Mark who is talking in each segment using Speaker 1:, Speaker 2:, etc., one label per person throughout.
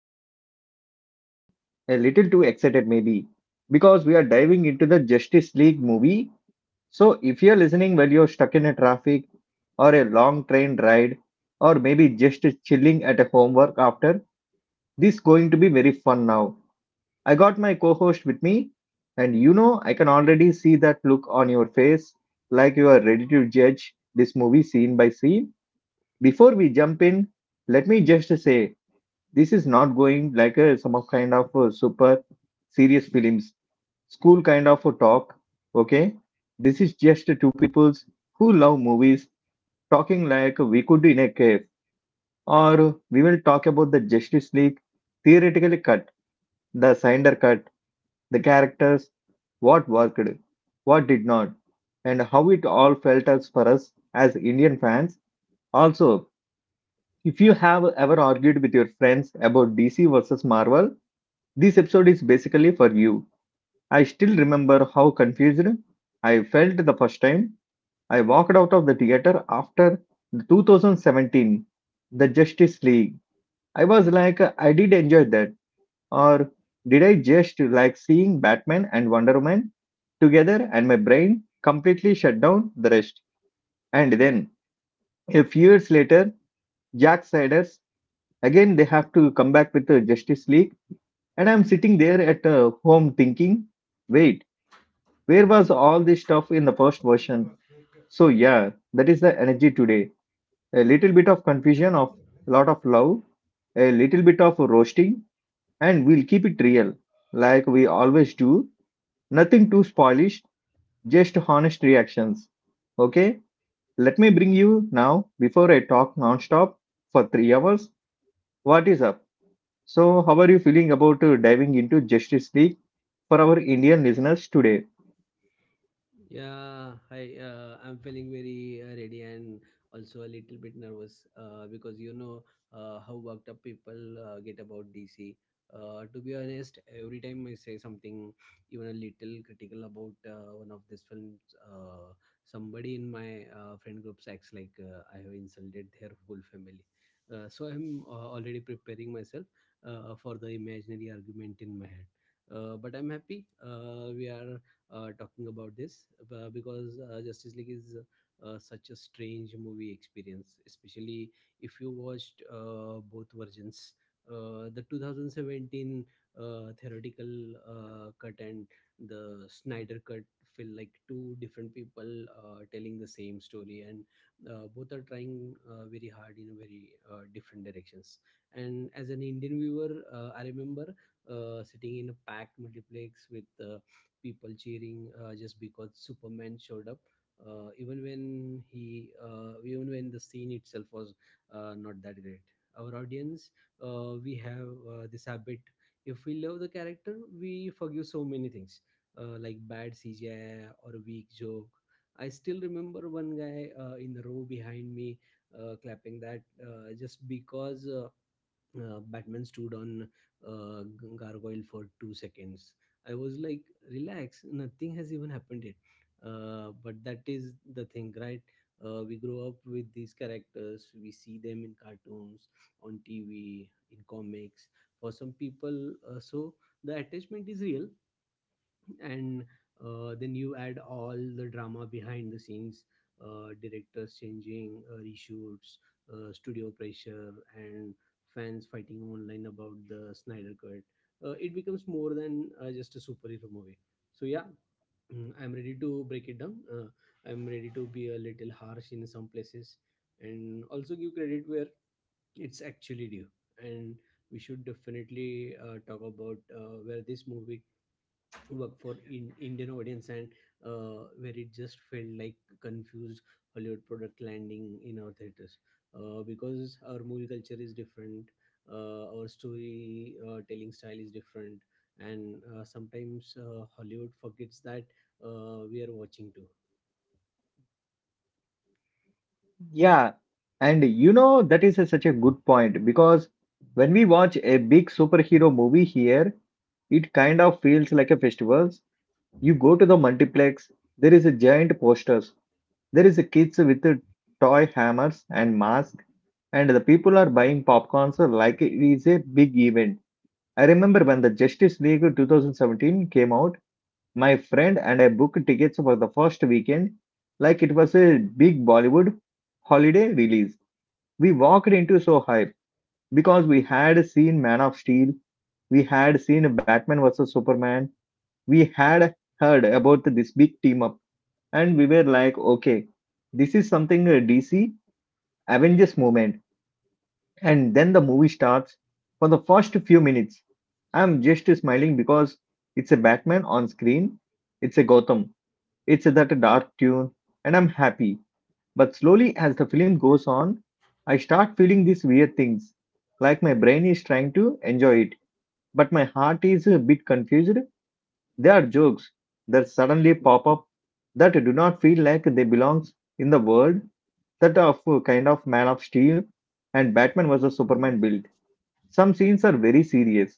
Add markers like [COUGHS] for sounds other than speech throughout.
Speaker 1: actually very excited, a little too excited maybe, because we are diving into the Justice League movie. So if you're listening while you're stuck in a traffic, or a long train ride, or maybe just chilling at a homework after, this is going to be very fun now. I got my co-host with me and you know I can already see that look on your face like you are ready to judge this movie scene by scene. Before we jump in, let me just say this is not going like a some of kind of a super serious films, school kind of a talk. Okay, this is just two peoples who love movies talking like we could in a cave, or we will talk about the Justice League theoretically cut, the Snyder cut, the characters, what worked, what did not, and how it all felt as for us as Indian fans. Also, if you have ever argued with your friends about DC versus Marvel, this episode is basically for you. I still remember how confused I felt the first time I walked out of the theater after the 2017 The Justice League. I was like, I did enjoy that, or did I just like seeing Batman and Wonder Woman together and my brain completely shut down the rest? And then, a few years later, Jack Snyder's again they have to come back with the Justice League. And I'm sitting there at home thinking, wait, where was all this stuff in the first
Speaker 2: Con
Speaker 1: version?
Speaker 2: Dios,
Speaker 1: So, yeah, that is the energy today. A little
Speaker 2: iya,
Speaker 1: bit of
Speaker 2: kayak
Speaker 1: confusion,
Speaker 2: kamu
Speaker 1: of
Speaker 2: kan?
Speaker 1: lot of love, a little bit of roasting, and we'll keep it real, like we always do. Nothing too spoilish, just honest reactions. Okay, let me bring you now, before I talk nonstop for 3 hours, what is up? So, how are you feeling about diving into Justice League for our Indian listeners today?
Speaker 2: Yeah, hi. I'm feeling very ready and also a little bit nervous because you know how worked up people get about DC. To be honest, every time I say something, even a little critical about one of these films, somebody in my friend groups acts like I have insulted their whole family. So I'm already preparing myself for the imaginary argument in my head. But I'm happy. We are talking about this because Justice League is such a strange movie experience, especially if you watched both versions. The 2017 uh, theoretical cut and the Snyder cut feel like two different people telling the same story, and both are trying very hard in a very different directions. And as an Indian viewer, I remember sitting in a packed multiplex with people cheering just because Superman showed up. Even when even when the scene itself was not that great. Our audience, we have this habit. If we love the character, we forgive so many things, like bad CGI or a weak joke. I still remember one guy in the row behind me clapping that just because Batman stood on gargoyle for 2 seconds. I was like, relax, nothing has even happened yet. But that is the thing, right? We grow up with these characters, we see them in cartoons, on TV, in comics. For some people, so the attachment is real, and then you add all the drama behind the scenes directors changing reshoots studio pressure and fans fighting online about the Snyder cut, it becomes more than just a superhero movie. So yeah, [CLEARS THROAT] I'm ready to break it down. I'm ready to be a little harsh in some places and also give credit where it's actually due. And we should definitely talk about where this movie work for in Indian audience and where it just felt like confused Hollywood product landing in our theaters, because our movie culture is different, our story telling style is different, and sometimes Hollywood forgets that we are watching too.
Speaker 1: Yeah, and you know, that is such a good point because when we watch a big superhero movie here, it kind of feels like a festival. You go to the multiplex, there is a giant posters, there is a kids with a toy hammers and masks, and the people are buying popcorns like it is a big event. I remember when the Justice League 2017 came out, my friend and I booked tickets for the first weekend, like it was a big Bollywood holiday release. We walked into so hype because we had seen Man of Steel, we had seen Batman vs Superman, we had heard about this big team up, and we were like, okay, this is something DC Avengers moment. And then the movie starts. For the first few minutes, I'm just smiling because it's a Batman on screen, it's a Gotham, it's that dark tune, and I'm happy. But slowly, as the film goes on, I start feeling these weird things, like my brain is trying to enjoy it, but my heart is a bit confused. There are jokes that suddenly pop up that do not feel like they belong in the world that are of a kind of Man of Steel and Batman vs Superman build. Some scenes are very serious,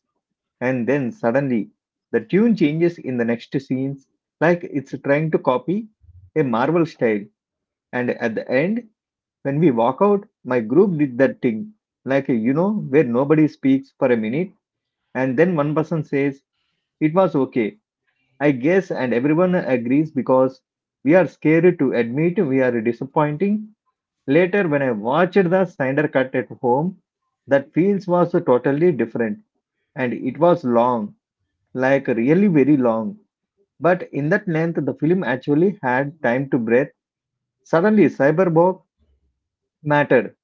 Speaker 1: and then suddenly the tune changes in the next scenes, like it's trying to copy a Marvel style, and at the end when we walk out, my group did that thing, like you know, where nobody speaks for a minute and then one person says, "It was okay, I guess," and everyone agrees because we are scared to admit we are disappointing. Later, when I watched the Snyder cut at home, that feels was totally different and it was long, like really very long. But in that length, the film actually had time to breathe. Suddenly, cyberbog mattered.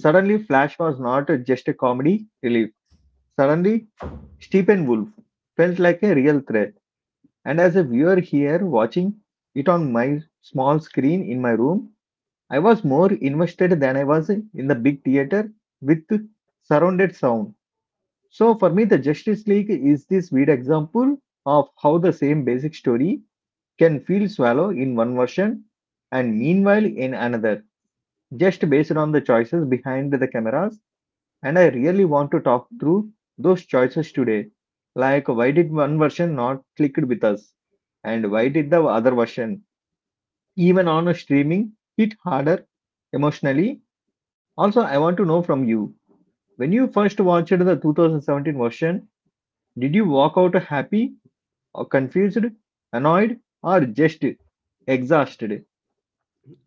Speaker 1: Suddenly, Flash was not just a comedy relief. Suddenly, Stephen Wolf felt like a real threat. And as a viewer here watching it on my small screen in my room, I was more invested than I was in the big theater with surrounded sound. So, for me, the Justice League is this weird example of how the same basic story can feel swallow in one version and meanwhile in another, just based on the choices behind the cameras. And I really want to talk through those choices today. Like, why did one version not clicked with us? And why did the other version, even on a streaming, hit harder emotionally? Also, I want to know from you. When you first watched the 2017 version, did you walk out happy or confused, annoyed, or just exhausted?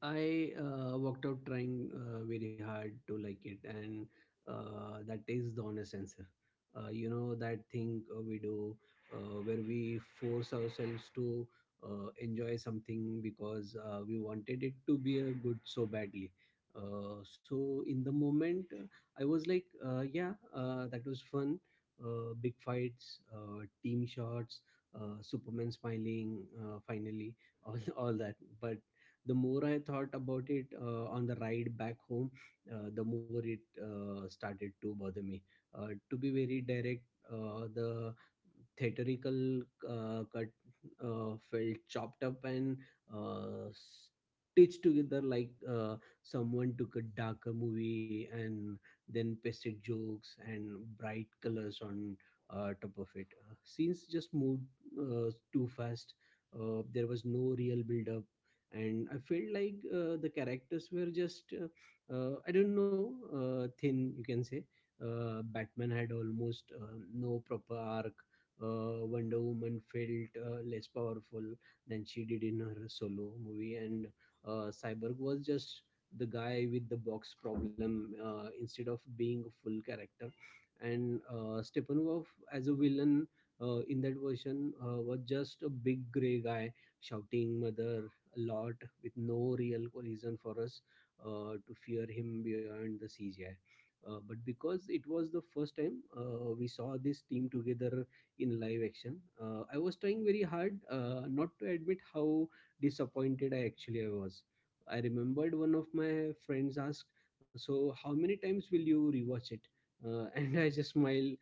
Speaker 2: I worked out trying very hard to like it, and that is the honest answer. You know that thing we do where we force ourselves to enjoy something because we wanted it to be a good so badly. So in the moment, I was like, yeah, that was fun. Big fights, team shots, Superman smiling, finally, [LAUGHS] all that. But the more I thought about it on the ride back home, the more it started to bother me. To be very direct, the theatrical cut felt chopped up and uh, stitched together like someone took a darker movie and then pasted jokes and bright colors on top of it. Scenes just moved too fast. There was no real build up, and I felt like the characters were just I don't know, thin you can say. Batman had almost no proper arc. Wonder Woman felt less powerful than she did in her solo movie, and Cyborg was just the guy with the box problem, instead of being a full character. And Steppenwolf as a villain in that version was just a big gray guy shouting mother a lot, with no real reason for us to fear him beyond the CGI. But because it was the first time we saw this team together in live action, I was trying very hard not to admit how disappointed I actually was. I remembered one of my friends asked, "So how many times will you rewatch it?" [LAUGHS] And I just smiled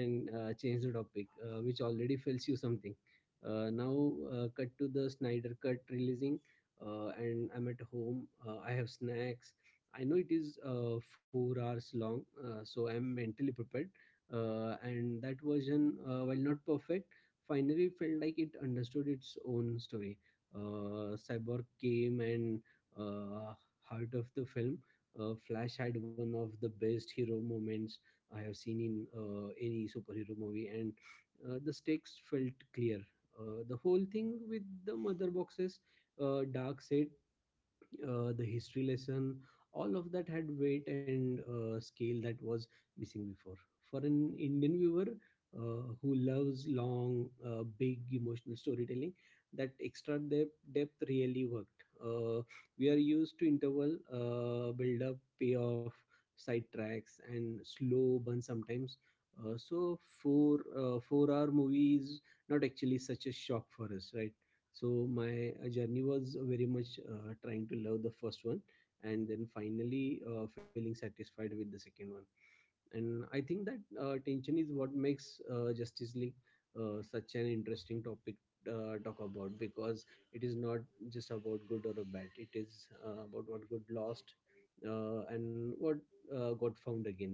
Speaker 2: and changed the topic, which already tells you something. Now, cut to the Snyder Cut releasing, and I'm at home. I have snacks. I know it is 4 hours long, so I'm mentally prepared. And that version, while not perfect, finally felt like it understood its own story. Cyborg came and uh, heart of the film. Flash had one of the best hero moments I have seen in any superhero movie, and the stakes felt clear. The whole thing with the mother boxes, dark side, the history lesson, all of that had weight and scale that was missing before. For an Indian viewer who loves long, big emotional storytelling, that extra depth really worked. We are used to interval, build up, payoff, sidetracks and slow burn sometimes. So 4 hour movie is not actually such a shock for us, right? So my journey was very much trying to love the first one and then finally feeling satisfied with the second one. And I think that tension is what makes Justice League such an interesting topic talk about, because it is not just about good or bad, it is about what got lost and what got found again.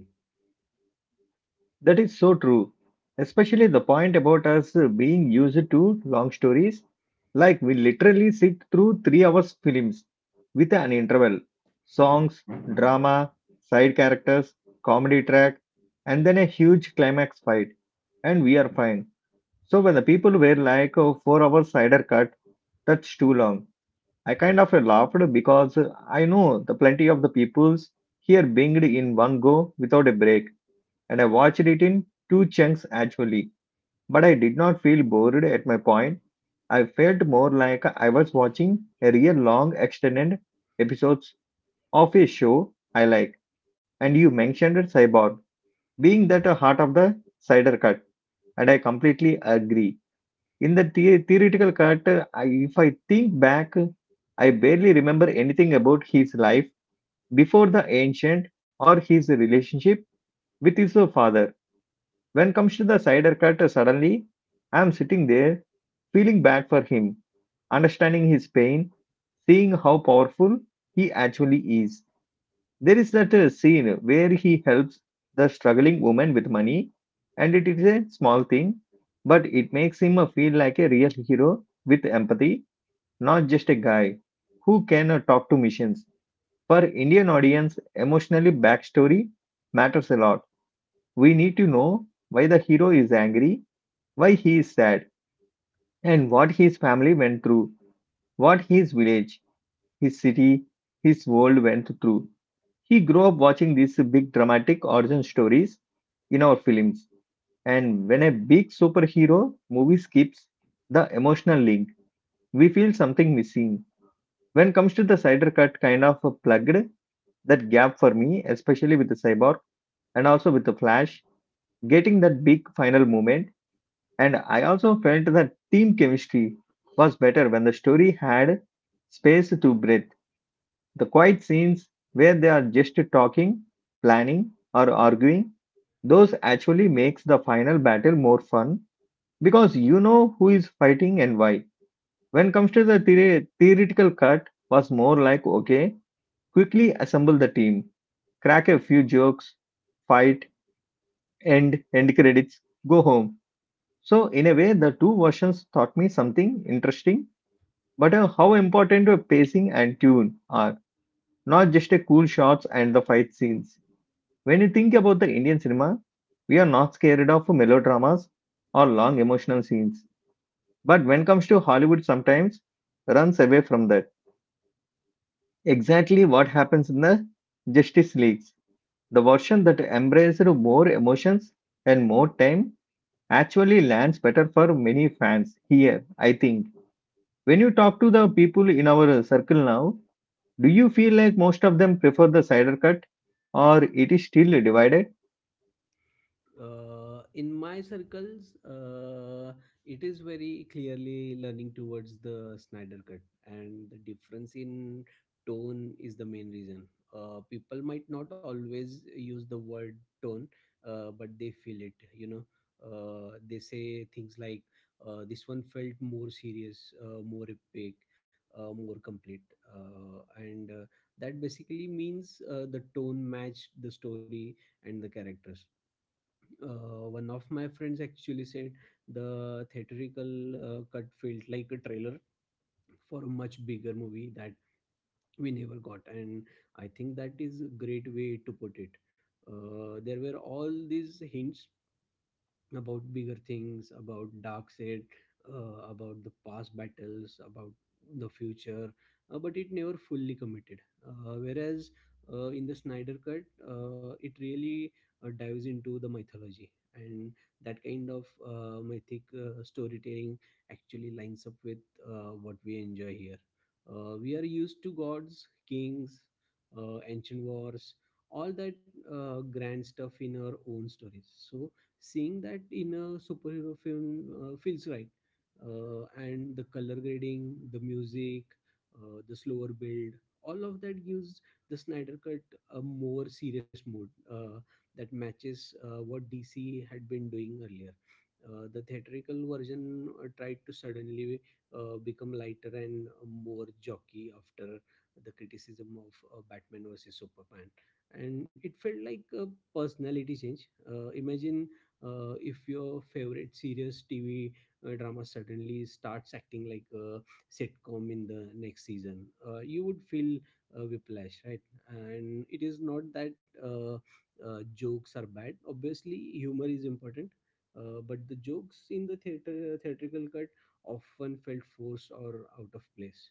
Speaker 1: That is so true, especially the point about us being used to long stories. Like we literally sit through 3 hours films with an interval, songs, drama, side characters, comedy track, and then a huge climax fight, and we are fine. So when the people were like, "Oh, 4 hours cider cut, that's too long." I kind of laughed because I know the plenty of the peoples here binged in one go without a break and I watched it in two chunks actually. But I did not feel bored at my point. I felt more like I was watching a real long extended episodes of a show I like. And you mentioned Cyborg being that a heart of the cider cut, and I completely agree. In the theoretical cut, I, if I think back, I barely remember anything about his life before the ancient or his relationship with his father. When comes to the cider cut, suddenly I'm sitting there feeling bad for him, understanding his pain, seeing how powerful he actually is. There is that scene where he helps the struggling woman with money, and it is a small thing, but it makes him feel like a real hero with empathy, not just a guy who can talk to missions. For Indian audience, emotionally backstory matters a lot. We need to know why the hero is angry, why he is sad, and what his family went through, what his village, his city, his world went through. He grew up watching these big dramatic origin stories in our films, and when a big superhero movie skips the emotional link, we feel something missing. When comes to the cider cut, kind of plugged that gap for me, especially with the cyborg and also with the flash, getting that big final moment. And I also felt that team chemistry was better when the story had space to breathe. The quiet scenes where they are just talking, planning, or arguing, those actually makes the final battle more fun because you know who is fighting and why. When comes to the theoretical cut, was more like okay, quickly assemble the team, crack a few jokes, fight, end, end credits, go home. So in a way, the two versions taught me something interesting. But how important pacing and tune are, not just a cool shots and the fight scenes. When you think about the Indian cinema, we are not scared of melodramas or long emotional scenes. But when it comes to Hollywood sometimes runs away from that. Exactly what happens in the Justice Leagues. The version that embraced more emotions and more time actually lands better for many fans here, I think. When you talk to the people in our circle now, do you feel like most of them prefer the cider cut or it is still divided?
Speaker 2: In my circles, it is very clearly learning towards the Snyder Cut, and the difference in tone is the main reason. People might not always use the word tone, but they feel it. You know, they say things like, "This one felt more serious, more epic." More complete, and that basically means the tone matched the story and the characters. One of my friends actually said the theatrical cut felt like a trailer for a much bigger movie that we never got, and I think that is a great way to put it. There were all these hints about bigger things, about dark side, about the past battles, about the future, but it never fully committed. Whereas in the Snyder cut, it really dives into the mythology, and that kind of mythic storytelling actually lines up with what we enjoy here. We are used to gods, kings, ancient wars, all that grand stuff in our own stories, so seeing that in a superhero film feels right. And the color grading, the music, the slower build, all of that gives the Snyder Cut a more serious mood that matches what DC had been doing earlier. The theatrical version tried to suddenly become lighter and more jockey after the criticism of Batman versus Superman, and it felt like a personality change. Imagine if your favorite serious TV drama suddenly starts acting like a sitcom in the next season, you would feel whiplash, right? And it is not that jokes are bad. Obviously, humor is important. But the jokes in the theater theatrical cut often felt forced or out of place.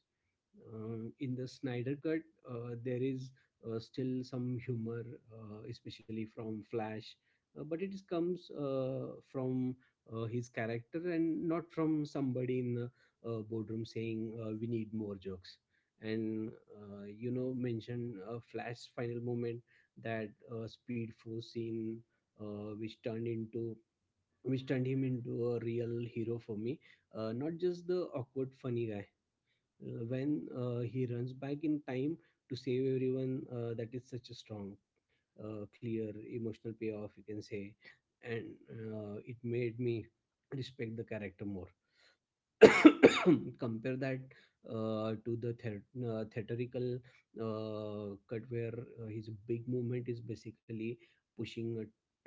Speaker 2: In the Snyder Cut, there is still some humor, especially from Flash, but comes from his character and not from somebody in the boardroom saying we need more jokes. And you know, mention Flash's final moment, that Speed Force scene, uh, which turned into which turned him into a real hero for me. Not just the awkward funny guy. When he runs back in time to save everyone, that is such a strong, clear emotional payoff you can say. And it made me respect the character more. [COUGHS] Compare that to the theatrical cut where his big movement is basically pushing a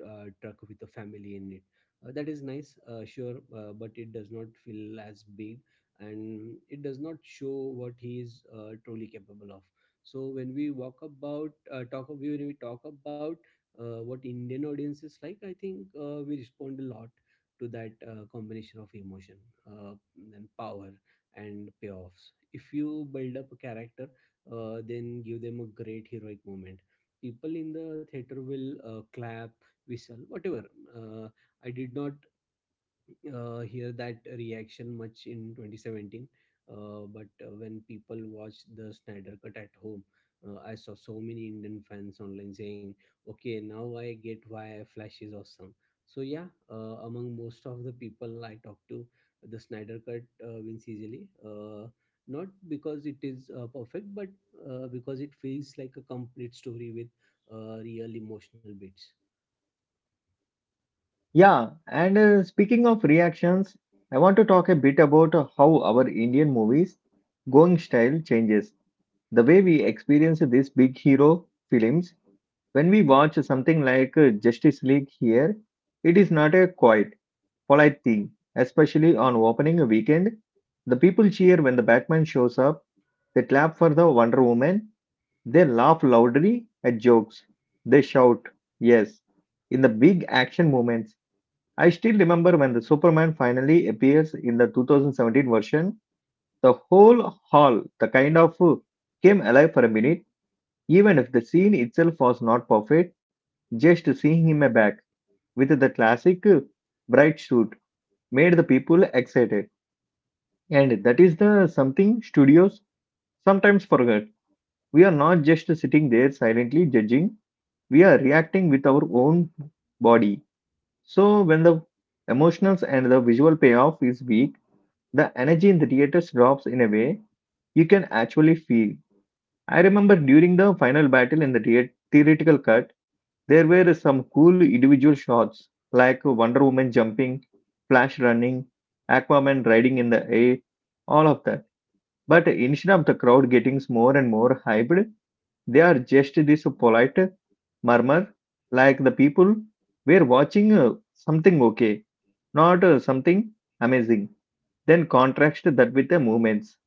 Speaker 2: truck with a family in it. That is nice, sure, but it does not feel as big and it does not show what he is truly capable of. So when we talk about what Indian audiences like, I think we respond a lot to that combination of emotion uh, and power and payoffs. If you build up a character then give them a great heroic moment, people in the theater will clap, whistle, whatever. uh, I did not hear that reaction much in 2017, but when people watched the Snyder Cut at home, I saw so many Indian fans online saying, "Okay, now I get why Flash is awesome." So yeah, among most of the people I talk to, the Snyder Cut wins easily, not because it is perfect, but because it feels like a complete story with real emotional bits.
Speaker 1: Yeah, and speaking of reactions, I want to talk a bit about how our Indian movies going style changes. The way we experience these big hero films when we watch something like Justice League here, it is not a quiet, polite thing, especially on opening weekend. The people cheer when the Batman shows up, they clap for the Wonder Woman. They laugh loudly at jokes. They shout, yes. In the big action moments, I still remember when the Superman finally appears in the 2017 version, the whole hall, the kind of came alive for a minute, even if the scene itself was not perfect, just seeing him back with the classic bright suit made the people excited. And that is the something studios sometimes forget. We are not just sitting there silently judging, we are reacting with our own body. So when the emotionals and the visual payoff is weak, the energy in the theaters drops in a way you can actually feel. I remember during the final battle in the theoretical cut, there were some cool individual shots like Wonder Woman jumping, Flash running, Aquaman riding in the air, all of that, but instead of the crowd getting more and more hyped, they are just this polite murmur, like the people were watching something okay, not something amazing. Then contrast that with the movements.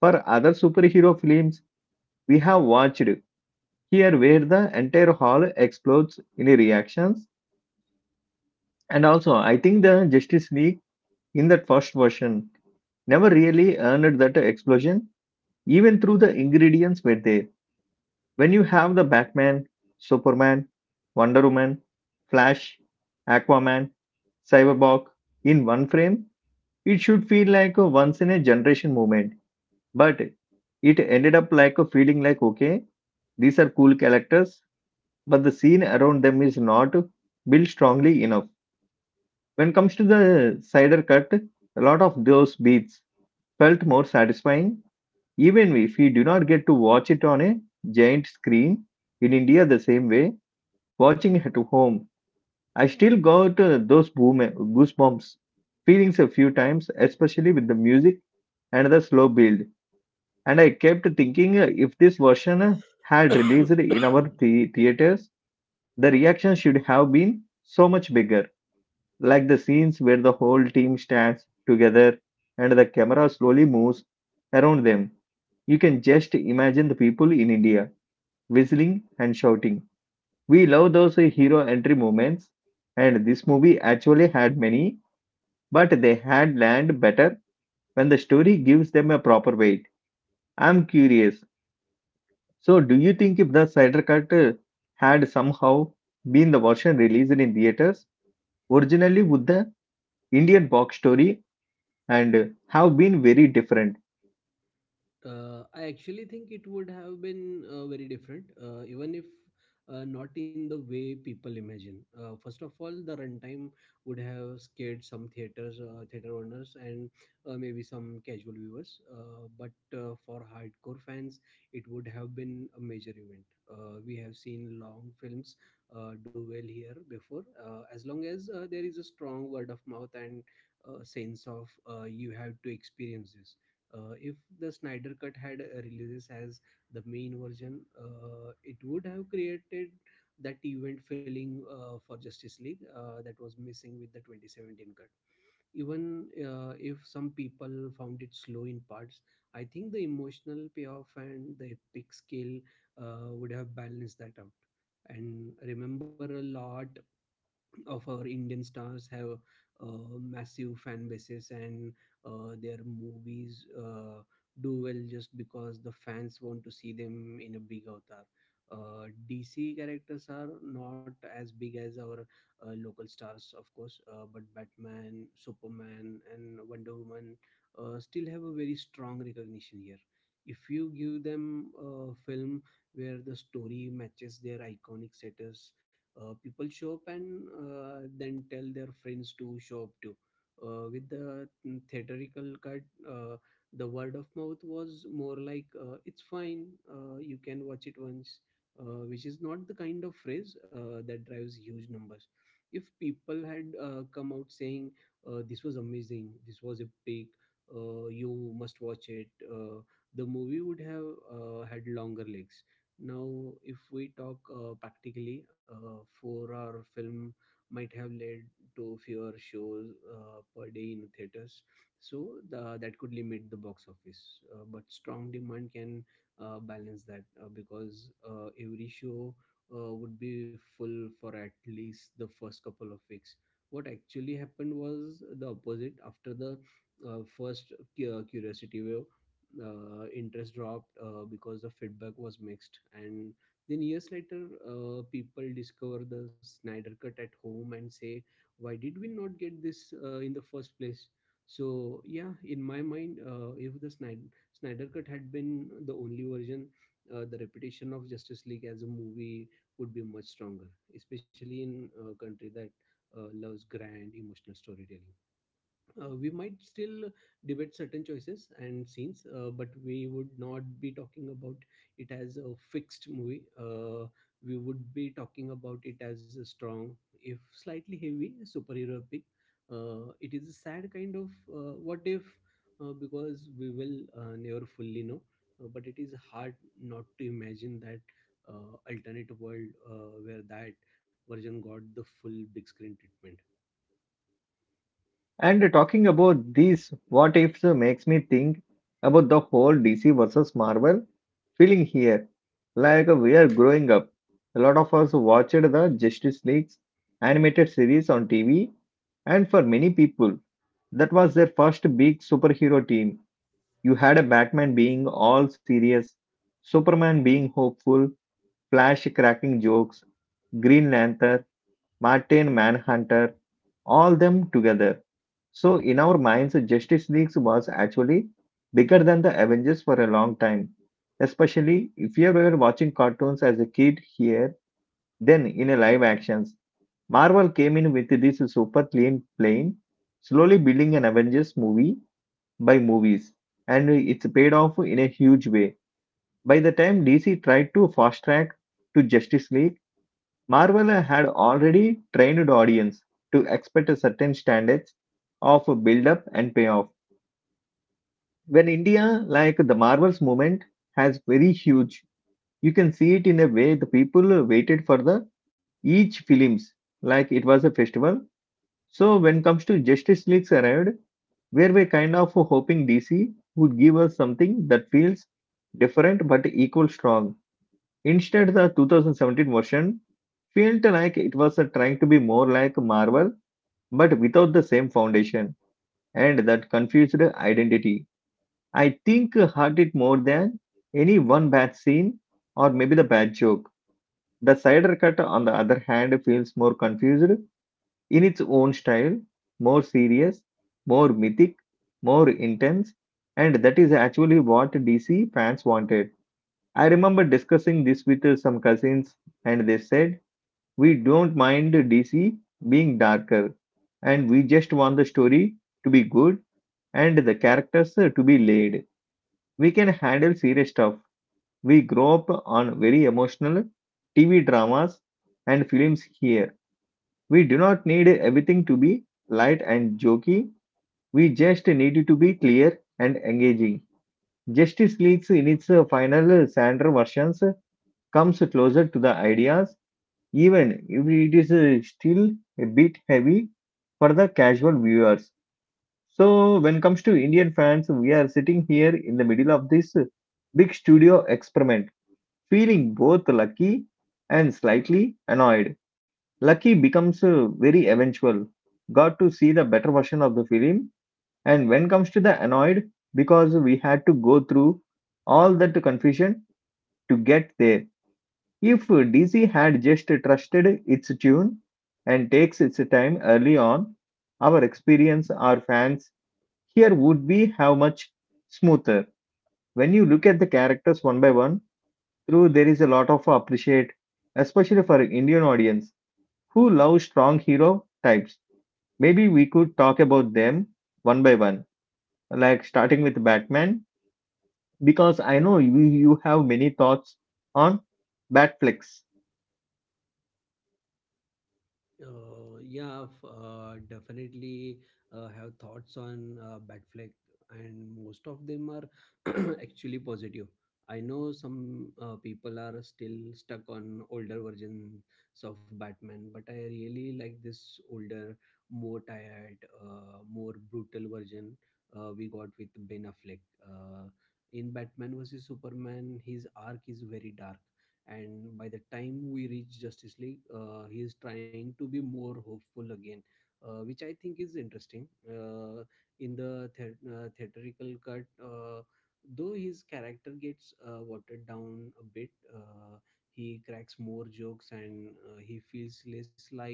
Speaker 1: For other superhero films we have watched, here where the entire hall explodes in reactions. And also, I think the Justice League in that first version never really earned that explosion, even though the ingredients were there. When you have the Batman, Superman, Wonder Woman, Flash, Aquaman, Cyberborg in one frame, it should feel like a once in a generation moment. But it ended up like a feeling like, okay, these are cool characters, but the scene around them is not built strongly enough. When it comes to the cider cut, a lot of those beats felt more satisfying, even if we do not get to watch it on a giant screen in India the same way. Watching it at home, I still got those boom goosebumps feelings a few times, especially with the music and the slow build. And I kept thinking if this version had released in our theaters, the reaction should have been so much bigger. Like the scenes where the whole team stands together and the camera slowly moves around them. You can just imagine the people in India whistling and shouting. We love those hero entry moments, and this movie actually had many, but they had land better when the story gives them a proper weight. I'm curious. So, do you think if the Snyder Cut had somehow been the version released in theaters, originally would the Indian box story and have been very different?
Speaker 2: I actually think it would have been very different, even if not in the way people imagine. First of all, the runtime would have scared some theater owners, and maybe some casual viewers. But for hardcore fans, it would have been a major event. We have seen long films do well here before, as long as there is a strong word of mouth and sense of you have to experience this. If the Snyder Cut had releases as the main version, it would have created that event feeling for Justice League that was missing with the 2017 cut. Even if some people found it slow in parts, I think the emotional payoff and the epic scale would have balanced that out. And remember, a lot of our Indian stars have massive fan bases, and their movies do well just because the fans want to see them in a big avatar. DC characters are not as big as our local stars, of course, but Batman, Superman, and Wonder Woman still have a very strong recognition here. If you give them a film where the story matches their iconic set, people show up and then tell their friends to show up too. With the theatrical cut, uh, the word of mouth was more like, "It's fine, you can watch it once," which is not the kind of phrase that drives huge numbers. If people had come out saying, "This was amazing, this was epic," "You must watch it," uh, the movie would have had longer legs. Now, if we talk practically, four-hour film might have led to fewer shows per day in theaters, so that could limit the box office. But strong demand can balance that because every show would be full for at least the first couple of weeks. What actually happened was the opposite. After the uh, first curiosity wave, interest dropped because the feedback was mixed, and then years later people discover the Snyder Cut at home and say, "Why did we not get this in the first place?" So yeah, in my mind, if the snyder, Snyder Cut had been the only version, the reputation of Justice League as a movie would be much stronger, especially in a country that loves grand emotional storytelling. We might still debate certain choices and scenes, but we would not be talking about it as a fixed movie. We would be talking about it as a strong, if slightly heavy, superhero pick. It is a sad kind of what if, because we will never fully know. But it is hard not to imagine that alternate world where that version got the full big screen treatment.
Speaker 1: And talking about these what ifs makes me think about the whole DC versus Marvel feeling here like we are growing up. A lot of us watched the Justice League's animated series on TV, and for many people, that was their first big superhero team. You had a Batman being all serious, Superman being hopeful, Flash cracking jokes, Green Lantern, Martin Manhunter, all them together. So in our minds, Justice League was actually bigger than the Avengers for a long time. Especially if you were watching cartoons as a kid here, then in a live actions, Marvel came in with this super clean plane, slowly building an Avengers movie by movies, and it's paid off in a huge way. By the time DC tried to fast track to Justice League, Marvel had already trained audience to expect a certain standards of build up and payoff when India, like the Marvels movement, has very huge, you can see it in a way the people waited for the each films like it was a festival. So when comes to Justice League's arrived, where we kind of hoping DC would give us something that feels different but equal strong. Instead, the 2017 version felt like it was trying to be more like Marvel but without the same foundation and that confused identity. I think hurt it more than any one bad scene or maybe the bad joke. The cider cut, on the other hand, feels more confused in its own style, more serious, more mythic, more intense, and that is actually what DC fans wanted. I remember discussing this with some cousins, and they said, we don't mind DC being darker, and we just want the story to be good and the characters to be laid. We can handle serious stuff. We grow up on very emotional TV dramas and films here. We do not need everything to be light and jokey. We just need it to be clear and engaging. Justice League in its final Sandra versions comes closer to the ideas, even if it is still a bit heavy for the casual viewers. So when it comes to Indian fans, we are sitting here in the middle of this big studio experiment feeling both lucky and slightly annoyed. Lucky becomes very eventual. Got to see the better version of the film, and when comes to the annoyed, because we had to go through all that confusion to get there. If DC had just trusted its tune and takes its time early on, our experience, our fans here would be how much smoother. When you look at the characters one by one, true, there is a lot of appreciate, especially for Indian audience who love strong hero types. Maybe we could talk about them one by one, like starting with Batman, because I know you have many thoughts on Batflex.
Speaker 2: Yeah, definitely have thoughts on Batfleck, and most of them are [CLEARS THROAT] actually positive. I know some people are still stuck on older versions of Batman, but I really like this older, more tired, more brutal version we got with Ben Affleck. Uh, in Batman versus Superman, his arc is very dark, and by the time we reach Justice League, he is trying to be more hopeful again, which I think is interesting. In the theatrical cut, though, his character gets watered down a bit. He cracks more jokes and he feels less like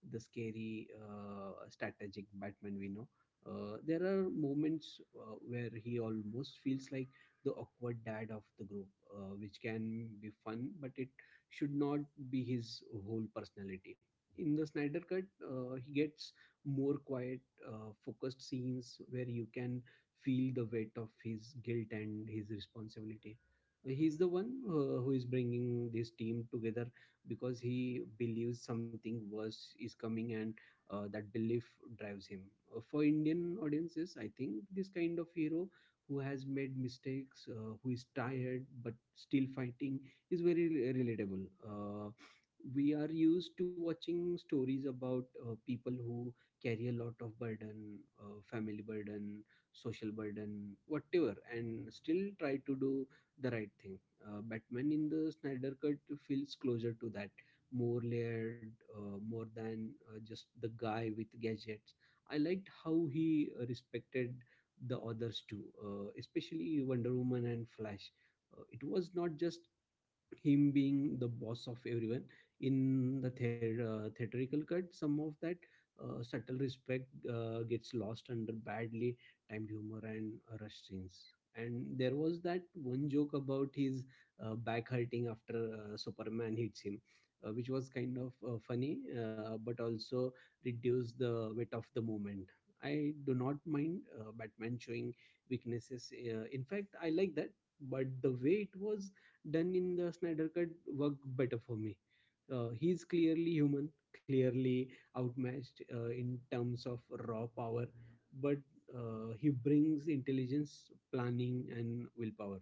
Speaker 2: the scary strategic Batman we know. There are moments where he almost feels like the awkward dad of the group, which can be fun, but it should not be his whole personality. In the Snyder Cut, he gets more quiet, focused scenes where you can feel the weight of his guilt and his responsibility. He's the one who is bringing this team together because he believes something worse is coming, and that belief drives him. For Indian audiences, I think this kind of hero who has made mistakes, who is tired but still fighting, is very relatable. We are used to watching stories about people who carry a lot of burden, family burden, social burden, whatever, and still try to do the right thing. Batman in the Snyder Cut feels closer to that, more layered, more than just the guy with gadgets. I liked how he respected the others too, especially Wonder Woman and Flash. It was not just him being the boss of everyone. In the theatrical cut, some of that subtle respect gets lost under badly timed humor and rushed scenes, and there was that one joke about his back hurting after Superman hits him, which was kind of funny, but also reduced the weight of the moment. I do not mind Batman showing weaknesses. In fact, I like that, but the way it was done in the Snyder Cut worked better for me. He's clearly human, clearly outmatched in terms of raw power, but he brings intelligence, planning, and willpower.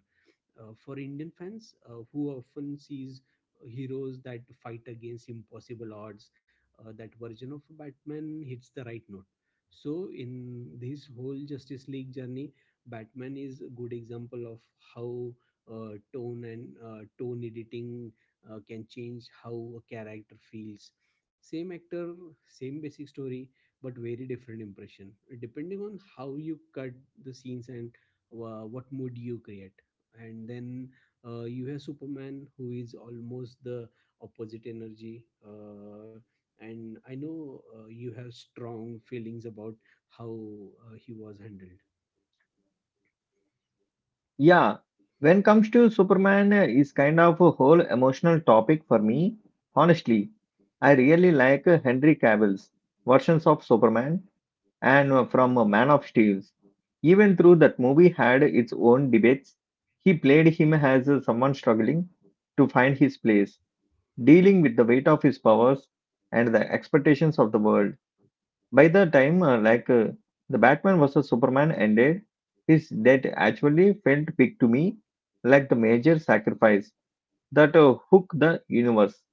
Speaker 2: For Indian fans, who often sees heroes that fight against impossible odds, that version of Batman hits the right note. So, in this whole Justice League journey, Batman is a good example of how tone and tone editing can change how a character feels. Same actor, same basic story, but very different impression depending on how you cut the scenes and what mood you create. And then you have Superman, who is almost the opposite energy. And I know you have strong feelings about how he was handled.
Speaker 1: Yeah, when comes to Superman, is kind of a whole emotional topic for me. Honestly, I really like Henry Cavill's versions of Superman and from Man of Steel. Even though that movie had its own debates, he played him as someone struggling to find his place, dealing with the weight of his powers and the expectations of the world. By the time, the Batman vs Superman ended, his death actually felt big to me, like the major sacrifice that hooked the universe.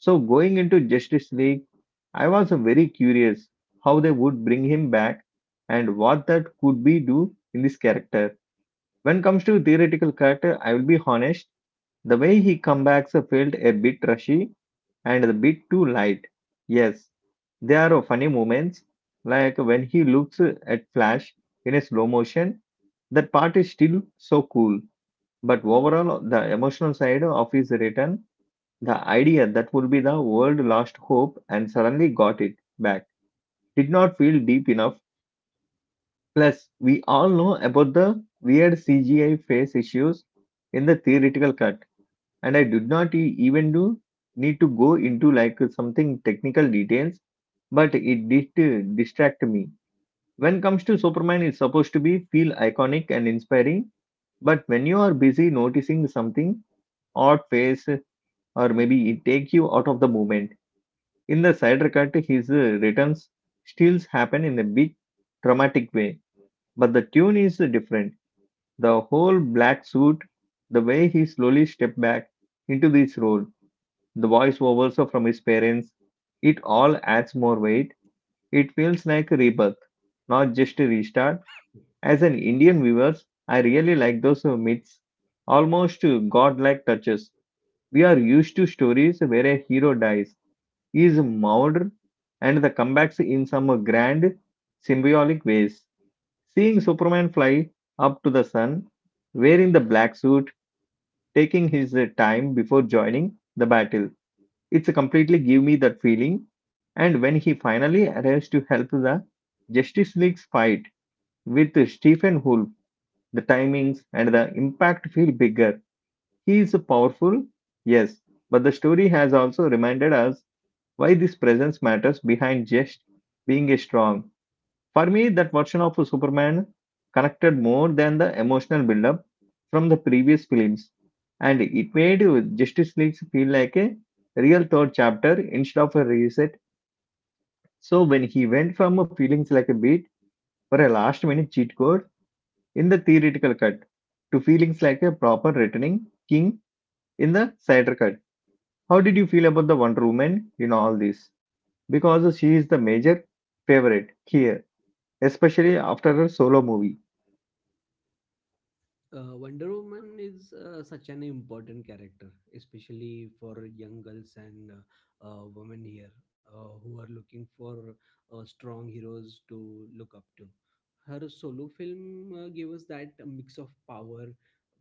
Speaker 1: So going into Justice League, I was very curious how they would bring him back and what that could be do in this character. When comes to theoretical character, I will be honest, the way he comebacks felt a bit rushy and a bit too light. Yes, there are funny moments like when he looks at Flash in a slow motion. That part is still so cool, but overall the emotional side of his return the idea that would be the world lost hope and suddenly got it back did not feel deep enough. Plus, we all know about the weird CGI face issues in the theoretical cut, and I did not even do need to go into like something technical details, but it did distract me. When comes to Superman, it's supposed to be feel iconic and inspiring, but when you are busy noticing something, odd face, or maybe it take you out of the moment. In the side Cut, his returns still happen in a big dramatic way, but the tune is different. The whole black suit, the way he slowly stepped back into this role, the voice overs from his parents, it all adds more weight. It feels like a rebirth, not just a restart. As an Indian viewers, I really like those myths, almost godlike touches. We are used to stories where a hero dies is moulded and the comebacks in some grand symbolic ways. Seeing Superman fly up to the sun, wearing the black suit, taking his time before joining the battle, it's completely give me that feeling. And when he finally arrives to help the Justice League's fight with Stephen Wolf, the timings and the impact feel bigger. He is powerful, yes, but the story has also reminded us why this presence matters behind just being a strong. For me, that version of Superman connected more than the emotional build-up from the previous films, and it made Justice League feel like a real third chapter instead of a reset. So when he went from feelings like a beat or a last-minute cheat code in the theoretical cut to feelings like a proper returning king in the cider cut, how did you feel about the Wonder Woman in all this? Because she is the major favorite here, especially after her solo movie.
Speaker 2: Wonder Woman is such an important character, especially for young girls and women here who are looking for strong heroes to look up to. Her solo film gave us that mix of power,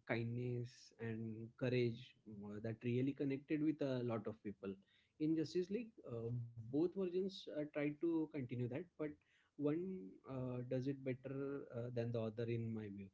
Speaker 2: kindness, and courage that really connected with a lot of people. In Justice League, both versions tried to continue that, but one does it better than the other, in my view.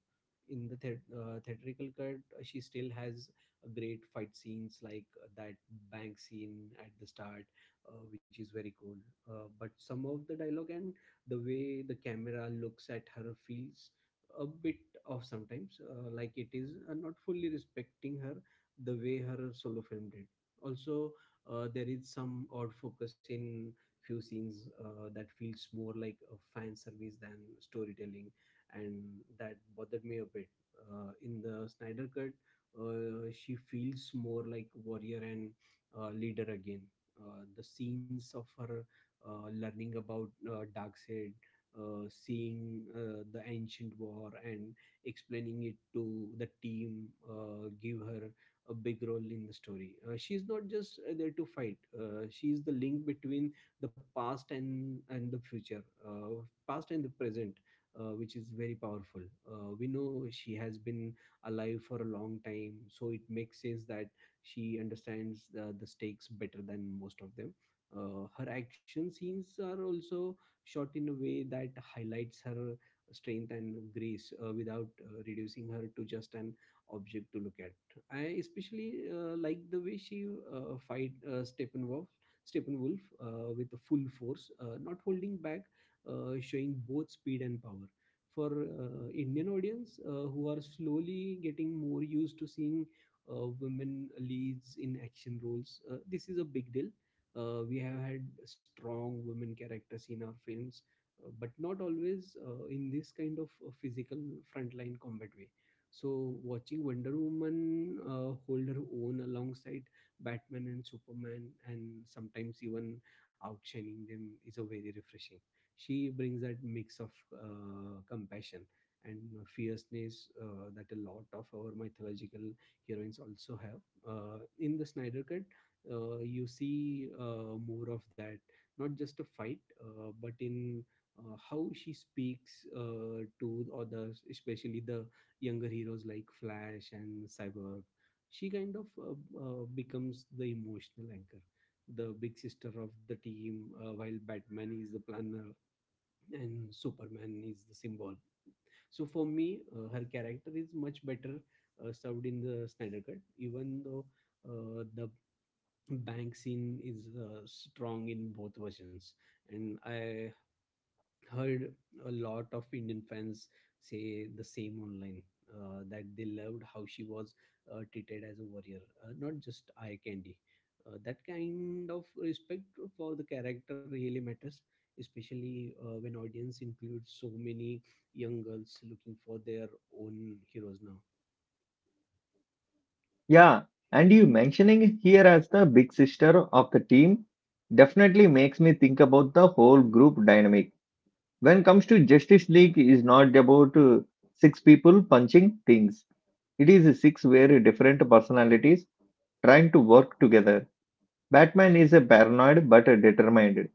Speaker 2: In the theatrical cut, she still has a great fight scenes like that bank scene at the start, which is very cool. But some of the dialogue and the way the camera looks at her feels a bit off sometimes, like it is not fully respecting her the way her solo film did. Also, there is some odd focus in few scenes that feels more like a fan service than storytelling, and that bothered me a bit. In the Snyder cut, she feels more like warrior and leader again. The scenes of her learning about Darkseid, seeing the ancient war, and explaining it to the team give her a big role in the story. She's not just there to fight. She's the link between the past and the future, past and the present, which is very powerful. We know she has been alive for a long time, so it makes sense that she understands the stakes better than most of them. Her action scenes are also shot in a way that highlights her strength and grace without reducing her to just an object to look at. I especially like the way she fight Steppenwolf with the full force, not holding back, showing both speed and power. For Indian audience who are slowly getting more used to seeing women leads in action roles, this is a big deal. We have had strong women characters in our films, but not always in this kind of physical frontline combat way. So, watching Wonder Woman hold her own alongside Batman and Superman, and sometimes even outshining them, is a very refreshing. She brings that mix of compassion and fierceness that a lot of our mythological heroines also have. In the Snyder Cut, you see more of that, not just a fight, but in how she speaks to others, especially the younger heroes like Flash and Cyborg. She kind of becomes the emotional anchor, the big sister of the team, while Batman is the planner and Superman is the symbol. So for me, her character is much better served in the Snyder cut, even though the bank scene is strong in both versions. And I heard a lot of Indian fans say the same online, that they loved how she was treated as a warrior, not just eye candy. That kind of respect for the character really matters, especially when audience includes so many young girls looking for their own heroes now.
Speaker 1: Yeah, and you mentioning here as the big sister of the team definitely makes me think about the whole group dynamic. When comes to Justice League is not about six people punching things. It is six very different personalities trying to work together. Batman is a paranoid but a determined.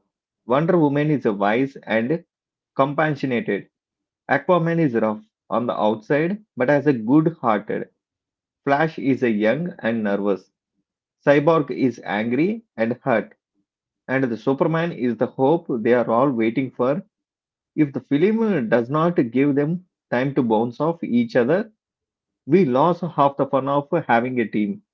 Speaker 1: Wonder Woman is a wise and compassionate. Aquaman is rough on the outside, but has a good hearted. Flash is a young and nervous. Cyborg is angry and hurt. And the Superman is the hope they are all waiting for. If the film does not give them time to bounce off each other, we lose half the fun of having a team.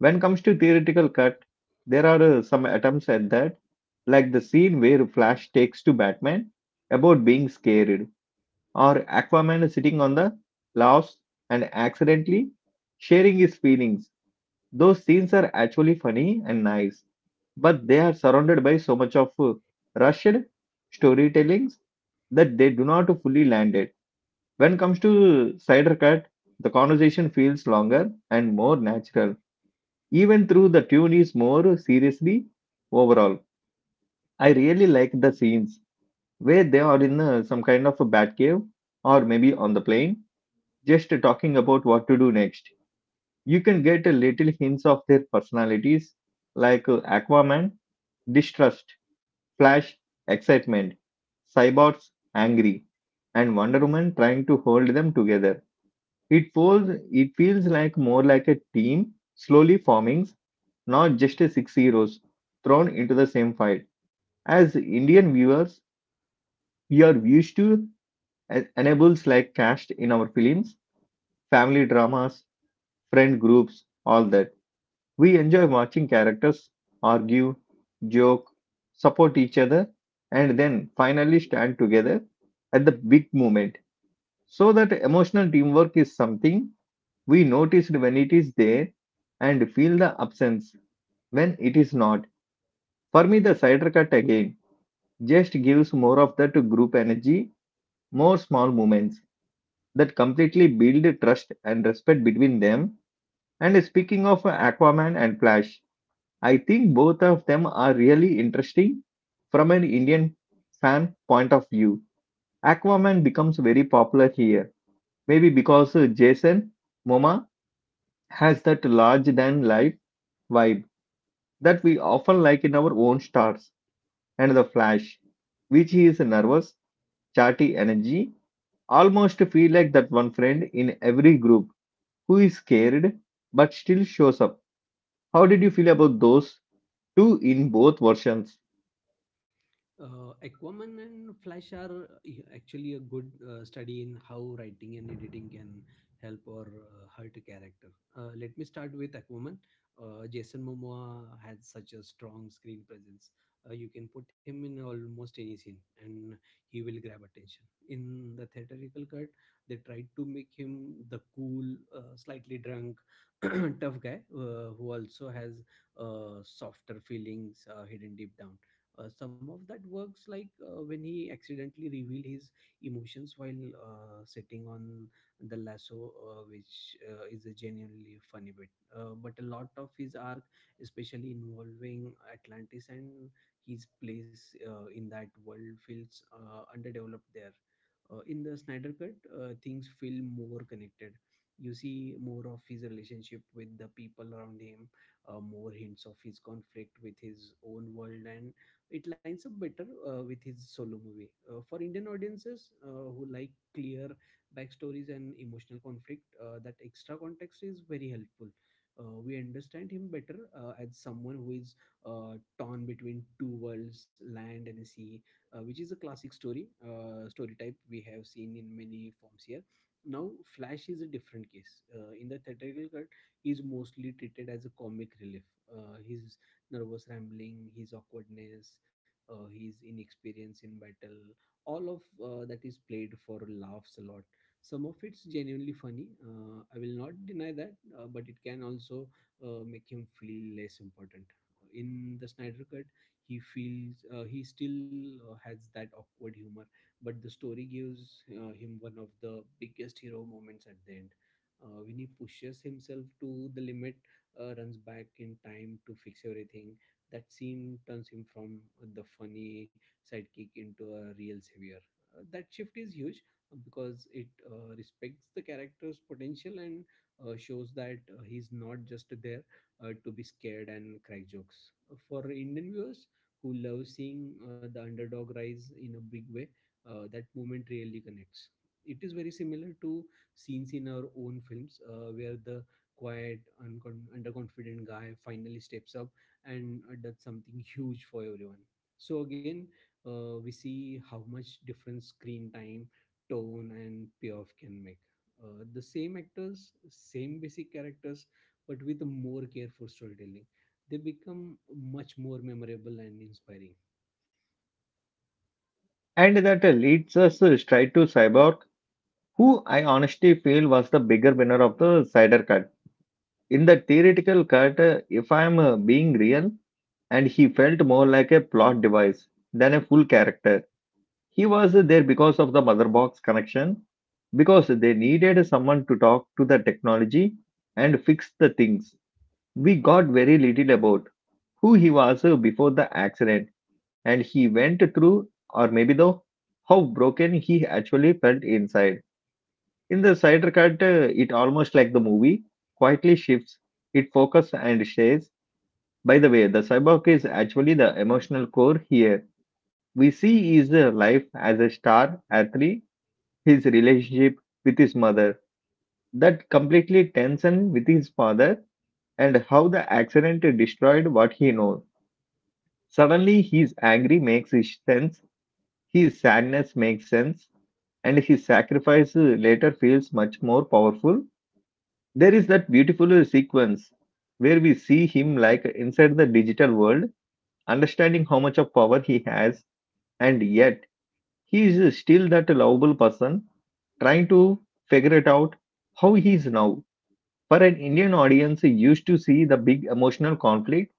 Speaker 1: When it comes to theoretical cut, there are some attempts at that, like the scene where Flash takes to Batman about being scared, or Aquaman sitting on the louse and accidentally sharing his feelings. Those scenes are actually funny and nice, but they are surrounded by so much of rushed storytellings that they do not fully land it. When it comes to Cider Cut, the conversation feels longer and more natural, even though the tune is more seriously overall. I really like the scenes where they are in some kind of a bat cave or maybe on the plane just talking about what to do next. You can get a little hints of their personalities like Aquaman, distrust, Flash, excitement, Cyborgs, angry, and Wonder Woman trying to hold them together. It feels like more like a team slowly forming, not just a six heroes thrown into the same fight. As Indian viewers, we are used to enables like cast in our films, family dramas, friend groups, all that. We enjoy watching characters argue, joke, support each other, and then finally stand together at the big moment. So, that emotional teamwork is something we noticed when it is there and feel the absence when it is not. For me, the cider cut again just gives more of that group energy, more small moments that completely build trust and respect between them. And speaking of Aquaman and Flash, I think both of them are really interesting from an Indian fan point of view. Aquaman becomes very popular here, maybe because Jason Momoa has that large than life vibe that we often like in our own stars, and The Flash, which he is a nervous, chatty energy, almost feel like that one friend in every group who is scared but still shows up. How did you feel about those two in both versions?
Speaker 2: Aquaman and Flash are, yeah, actually a good study in how writing and editing can help or hurt a character. Let me start with Aquaman. Jason Momoa had such a strong screen presence. You can put him in almost any scene and he will grab attention. In the theatrical cut, they tried to make him the cool, slightly drunk, [CLEARS THROAT] tough guy who also has softer feelings hidden deep down. Some of that works, like when he accidentally revealed his emotions while sitting on the lasso, which is a genuinely funny bit. But a lot of his arc, especially involving Atlantis and his place in that world, feels underdeveloped there. In the Snyder cut, things feel more connected. You see more of his relationship with the people around him, more hints of his conflict with his own world, and it lines up better with his solo movie. For Indian audiences who like clear backstories and emotional conflict, that extra context is very helpful. We understand him better as someone who is torn between two worlds, land and sea, which is a classic story type we have seen in many forms here. Now, Flash is a different case. In the theatrical cut, he is mostly treated as a comic relief. His nervous rambling, his awkwardness, his inexperience in battle, all of that is played for laughs a lot. Some of it's genuinely funny, I will not deny that, but it can also make him feel less important. In the Snyder cut, he feels, he still has that awkward humor, but the story gives him one of the biggest hero moments at the end, when he pushes himself to the limit, runs back in time to fix everything. That scene turns him from the funny sidekick into a real savior. That shift is huge, because it respects the character's potential, and shows that he's not just there to be scared and crack jokes. For Indian viewers who love seeing the underdog rise in a big way, that moment really connects. It is very similar to scenes in our own films where the quiet, underconfident guy finally steps up, and that's something huge for everyone. So again, we see how much difference screen time, tone and payoff can make. The same actors, same basic characters, but with a more careful storytelling, they become much more memorable and inspiring.
Speaker 1: And that leads us straight to Cyborg, who I honestly feel was the bigger winner of the Cider Cut. In the theoretical cut, if I am being real, and he felt more like a plot device than a full character. He was there because of the mother box connection, because they needed someone to talk to the technology and fix the things. We got very little about who he was before the accident and he went through, or maybe though, how broken he actually felt inside. In the cider cut, it almost like the movie quietly shifts. It focus and says, by the way, the cyborg is actually the emotional core here. We see his life as a star athlete, his relationship with his mother, that completely tension with his father, and how the accident destroyed what he knows. Suddenly, his angry makes his sense. His sadness makes sense, and his sacrifice later feels much more powerful. There is that beautiful sequence where we see him like inside the digital world, understanding how much of power he has, and yet he is still that lovable person trying to figure it out how he is now. For an Indian audience, used to see the big emotional conflict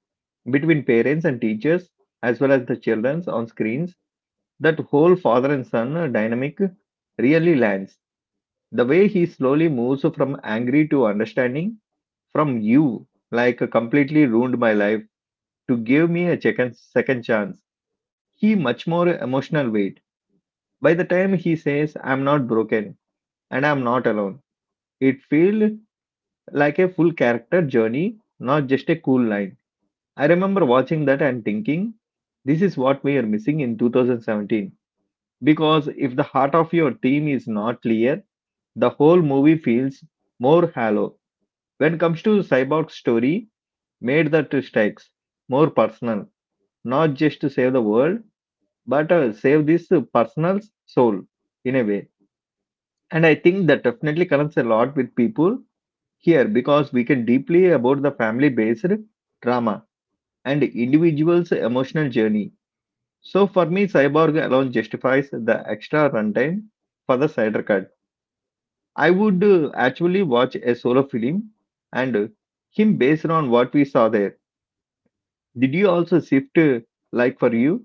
Speaker 1: between parents and teachers as well as the children on screens, that whole father and son dynamic really lands. The way he slowly moves from angry to understanding, from you, like completely ruined my life, to give me a second chance. He much more emotional weight. By the time he says, I'm not broken and I'm not alone, it feels like a full character journey, not just a cool line. I remember watching that and thinking, this is what we are missing in 2017. Because if the heart of your team is not clear, the whole movie feels more hollow. When it comes to Cyborg's story, made the two strikes more personal, not just to save the world, but save this personal soul in a way. And I think that definitely connects a lot with people here because we can deeply about the family based drama and individual's emotional journey. So for me, Cyborg alone justifies the extra runtime for the Snyder cut. I would actually watch a solo film and him based on what we saw there. Did you also shift like for you?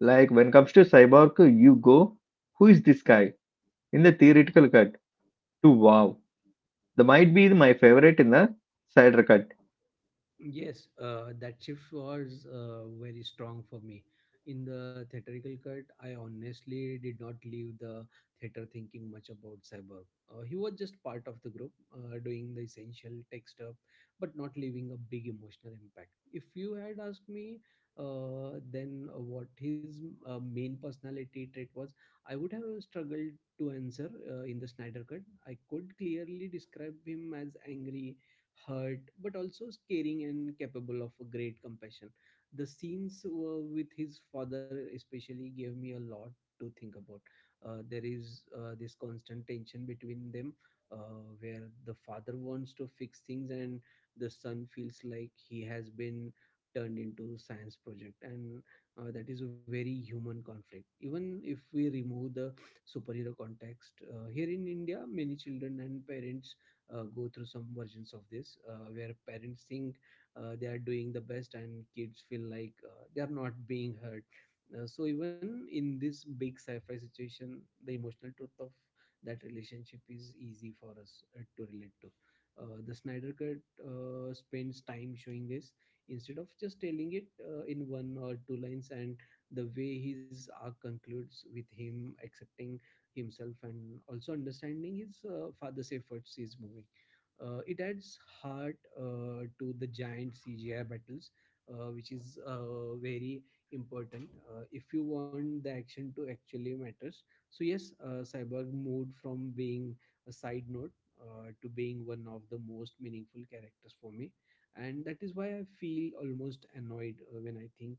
Speaker 1: Like when it comes to Cyborg, you go, who is this guy? In the theoretical cut to wow. That might be my favorite in the cider cut.
Speaker 2: Yes, that shift was very strong for me. In the theatrical cut, I honestly did not leave the theater thinking much about Cyborg. He was just part of the group, doing the essential tech stuff, but not leaving a big emotional impact. If you had asked me then, what his main personality trait was, I would have struggled to answer. In the Snyder cut, I could clearly describe him as angry, hurt, but also caring and capable of a great compassion. The scenes with his father especially gave me a lot to think about. There is this constant tension between them, where the father wants to fix things and the son feels like he has been turned into science project. And that is a very human conflict, even if we remove the superhero context. Here in India, many children and parents go through some versions of this, where parents think they are doing the best and kids feel like they are not being heard. So even in this big sci-fi situation, the emotional truth of that relationship is easy for us to relate to. The Snyder cut spends time showing this instead of just telling it in one or two lines, and the way his arc concludes with him accepting himself and also understanding his father's efforts, he's moving. It adds heart to the giant CGI battles, which is very important if you want the action to actually matters. So yes, Cyborg moved from being a side note to being one of the most meaningful characters for me, and that is why I feel almost annoyed when I think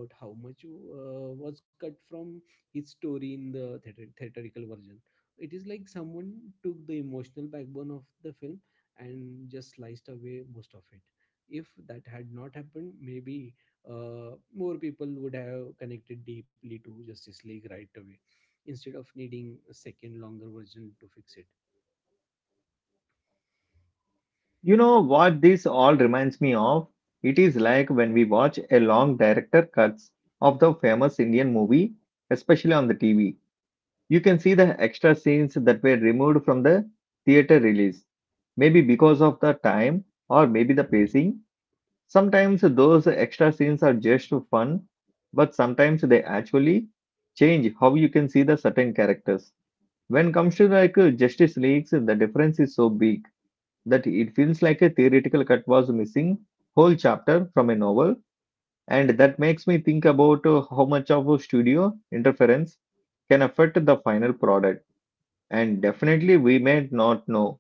Speaker 2: about how much was cut from his story in the theatrical version. It is like someone took the emotional backbone of the film and just sliced away most of it. If that had not happened, maybe more people would have connected deeply to Justice League right away, instead of needing a second longer version to fix it.
Speaker 1: You know what this all reminds me of? It is like when we watch a long director cuts of the famous Indian movie, especially on the TV. You can see the extra scenes that were removed from the theater release, maybe because of the time or maybe the pacing. Sometimes those extra scenes are just fun, but sometimes they actually change how you can see the certain characters. When comes to like Justice Leagues, the difference is so big that it feels like a theoretical cut was missing whole chapter from a novel, and that makes me think about how much of a studio interference can affect the final product. And definitely we may not know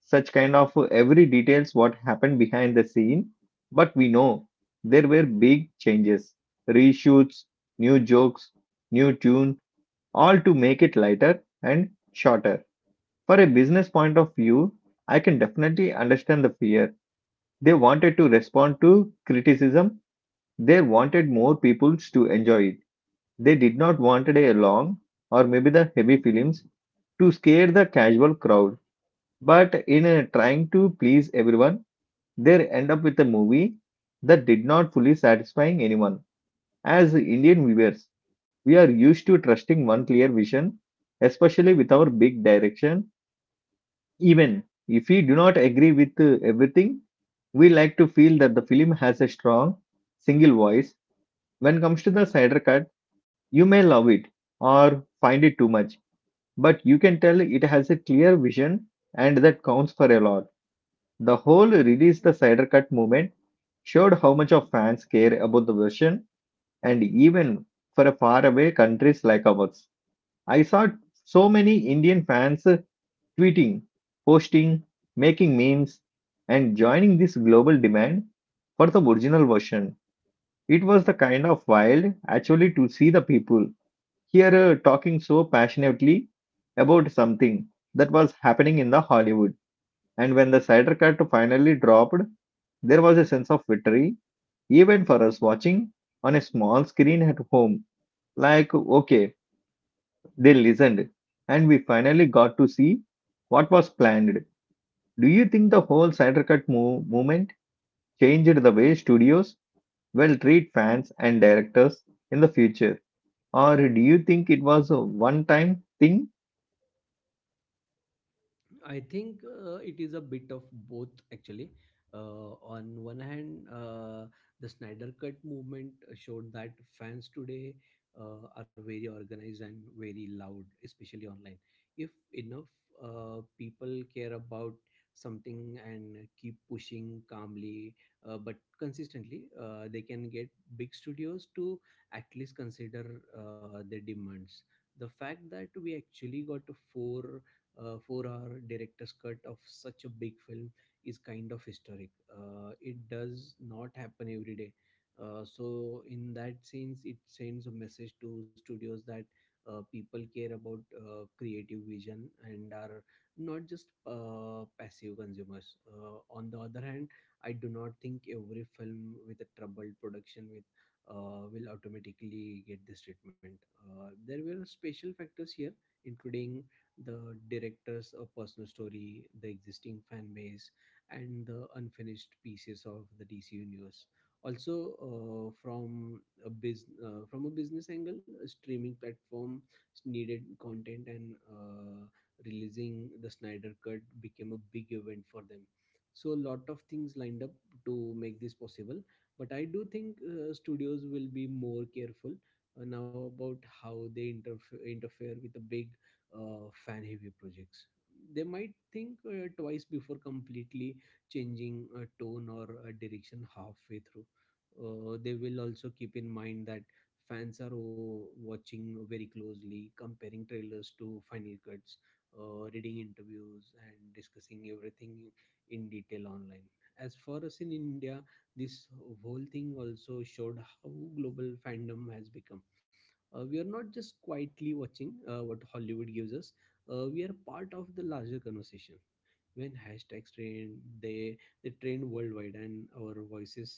Speaker 1: such kind of every details what happened behind the scene, but we know there were big changes, reshoots, new jokes, new tune, all to make it lighter and shorter. For a business point of view, I can definitely understand the fear. They wanted to respond to criticism, they wanted more people to enjoy it, they did not wanted a long or maybe the heavy films to scare the casual crowd. But in trying to please everyone, they end up with a movie that did not fully satisfying anyone. As Indian viewers, we are used to trusting one clear vision, especially with our big direction. Even if we do not agree with everything, we like to feel that the film has a strong single voice. When comes to the cider cut, you may love it or find it too much, but you can tell it has a clear vision and that counts for a lot. The whole release the cider cut movement showed how much of fans care about the version, and even for a faraway countries like ours. I saw so many Indian fans tweeting, posting, making memes and joining this global demand for the original version. It was the kind of wild actually to see the people here talking so passionately about something that was happening in the Hollywood. And when the Snyder Cut finally dropped, there was a sense of victory, even for us watching on a small screen at home. Like, okay, they listened, and we finally got to see what was planned. Do you think the whole Snyder Cut movement changed the way studios will treat fans and directors in the future? Or do you think it was a one time thing?
Speaker 2: I think it is a bit of both actually. On one hand, the Snyder Cut movement showed that fans today are very organized and very loud, especially online. If enough people care about something and keep pushing calmly but consistently, they can get big studios to at least consider their demands. The fact that we actually got four 4 hour director's cut of such a big film is kind of historic. It does not happen every day. So in that sense, it sends a message to studios that people care about creative vision and are not just passive consumers. On the other hand, I do not think every film with a troubled production with will automatically get this treatment. There were special factors here, including the director's a personal story, the existing fan base, and the unfinished pieces of the DC universe. Also, from a biz from a business angle, a streaming platform needed content, and releasing the Snyder Cut became a big event for them. So a lot of things lined up to make this possible. But I do think studios will be more careful now about how they interfere with the big fan heavy projects. They might think twice before completely changing a tone or a direction halfway through. They will also keep in mind that fans are, oh, watching very closely, comparing trailers to final cuts, reading interviews, and discussing everything in detail online. As for us in India, this whole thing also showed how global fandom has become. We are not just quietly watching what Hollywood gives us. We are part of the larger conversation. When hashtags trend, they trend worldwide and our voices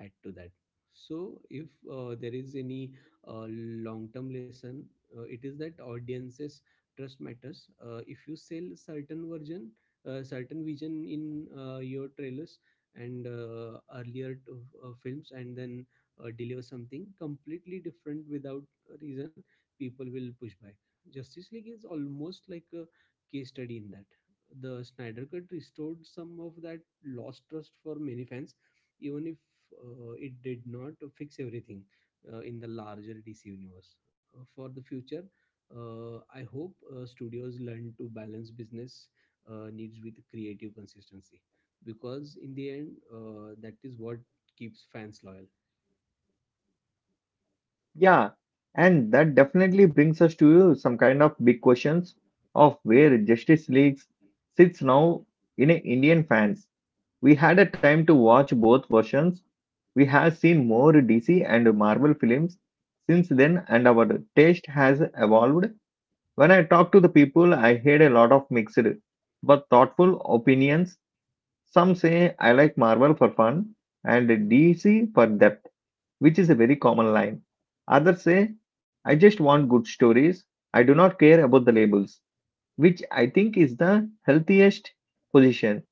Speaker 2: add to that. So if there is any uh, long term lesson, it is that audiences trust matters. If you sell certain version, certain vision in your trailers and earlier to, films, and then deliver something completely different without reason, people will push back. Justice League is almost like a case study in that. The Snyder cut restored some of that lost trust for many fans, even if it did not fix everything in the larger DC universe. For the future, I hope studios learn to balance business needs with creative consistency, because in the end, that is what keeps fans loyal.
Speaker 1: Yeah, and that definitely brings us to some kind of big questions of where Justice League sits now in a Indian fans. We had a time to watch both versions. We have seen more DC and Marvel films since then, and our taste has evolved. When I talk to the people, I hear a lot of mixed but thoughtful opinions. Some say I like Marvel for fun and DC for depth, which is a very common line. Others say, I just want good stories. I do not care about the labels, which I think is the healthiest position.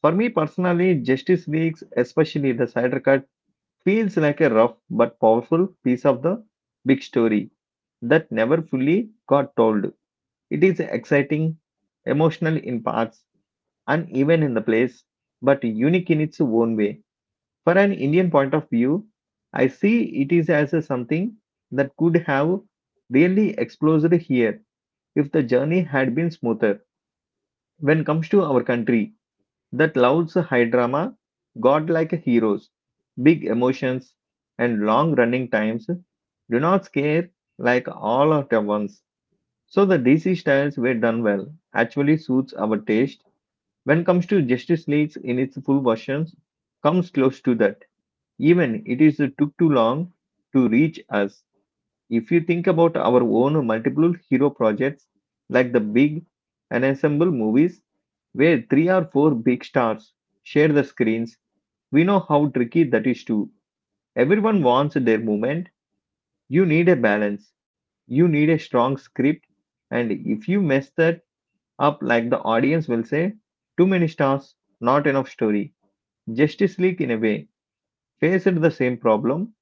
Speaker 1: For me personally, Justice Leagues, especially the Snyder Cut, feels like a rough but powerful piece of the big story that never fully got told. It is exciting, emotional in parts, uneven in the place, but unique in its own way. For an Indian point of view, I see it is as a something that could have really exploded here if the journey had been smoother. When comes to our country, that loves high drama, godlike heroes, big emotions, and long running times do not scare like all at once. So the DC styles were done well, actually suits our taste. When comes to Justice Leagues in its full versions, comes close to that, even it is took too long to reach us. If you think about our own multiple hero projects, like the big ensemble movies, where three or four big stars share the screens, we know how tricky that is too. Everyone wants their moment. You need a balance. You need a strong script. And if you mess that up, like the audience will say, too many stars, not enough story. Justice League, in a way, faced the same problem.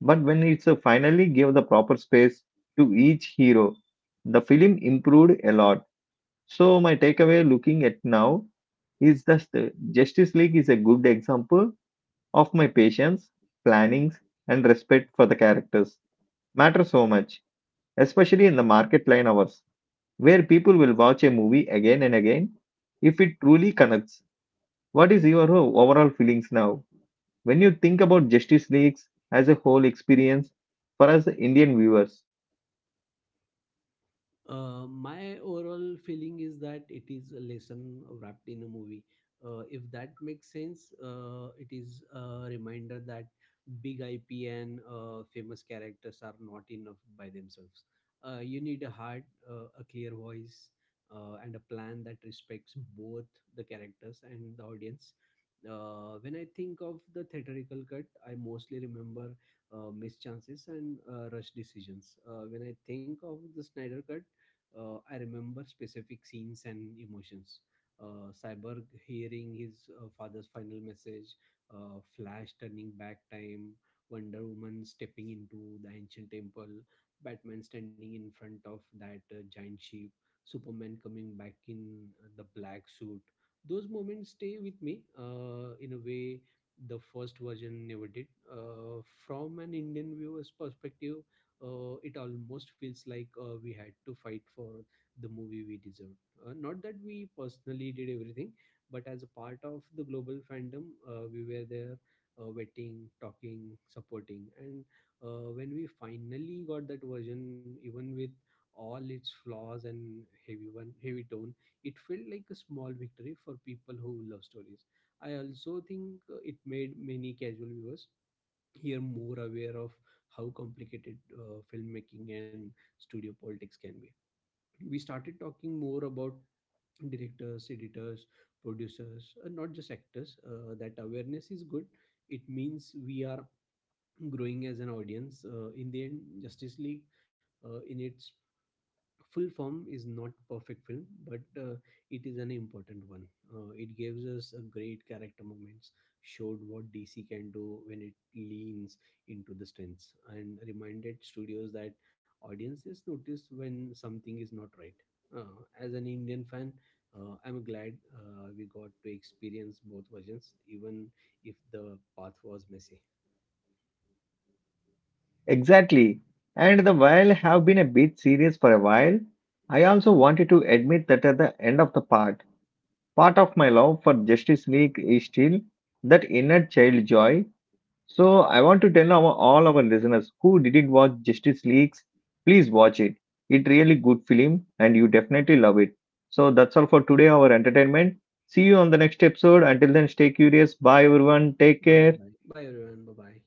Speaker 1: But when it finally gave the proper space to each hero, the film improved a lot. So my takeaway looking at now is that the Justice League is a good example of my patience, plannings, and respect for the characters matter so much, especially in the market line hours, where people will watch a movie again and again if it truly connects. What is your overall feelings now when you think about Justice Leagues as a whole experience for us Indian viewers?
Speaker 2: My overall feeling is that it is a lesson wrapped in a movie, if that makes sense. It is a reminder that big IP and famous characters are not enough by themselves. You need a heart, a clear voice, and a plan that respects both the characters and the audience. When I think of the theatrical cut, I mostly remember missed chances and rush decisions. When I think of the Snyder cut, I remember specific scenes and emotions. Cyborg hearing his father's final message, Flash turning back time, Wonder Woman stepping into the ancient temple, Batman standing in front of that giant sheep, Superman coming back in the black suit. Those moments stay with me in a way the first version never did. From an Indian viewer's perspective, it almost feels like we had to fight for the movie we deserved. Not that we personally did everything, but as a part of the global fandom, we were there waiting, talking, supporting. And when we finally got that version, even with all its flaws and heavy tone, it felt like a small victory for people who love stories. I also think it made many casual viewers here more aware of how complicated filmmaking and studio politics can be. We started talking more about directors, editors, producers, not just actors. That awareness is good. It means we are growing as an audience. In the end, Justice League, in its full form, is not perfect film, but it is an important one. It gives us a great character moments, showed what DC can do when it leans into the strengths, and reminded studios that audiences notice when something is not right. As an Indian fan, I'm glad we got to experience both versions, even if the path was messy.
Speaker 1: Exactly. And the while have been a bit serious for a while, I also wanted to admit that at the end of the part, part of my love for Justice League is still that inner child joy. So I want to tell our, all our listeners who didn't watch Justice Leagues, please watch it. It really good film and you definitely love it. So that's all for today, our entertainment. See you on the next episode. Until then, stay curious. Bye everyone. Take
Speaker 2: bye
Speaker 1: care.
Speaker 2: bye bye everyone, bye bye.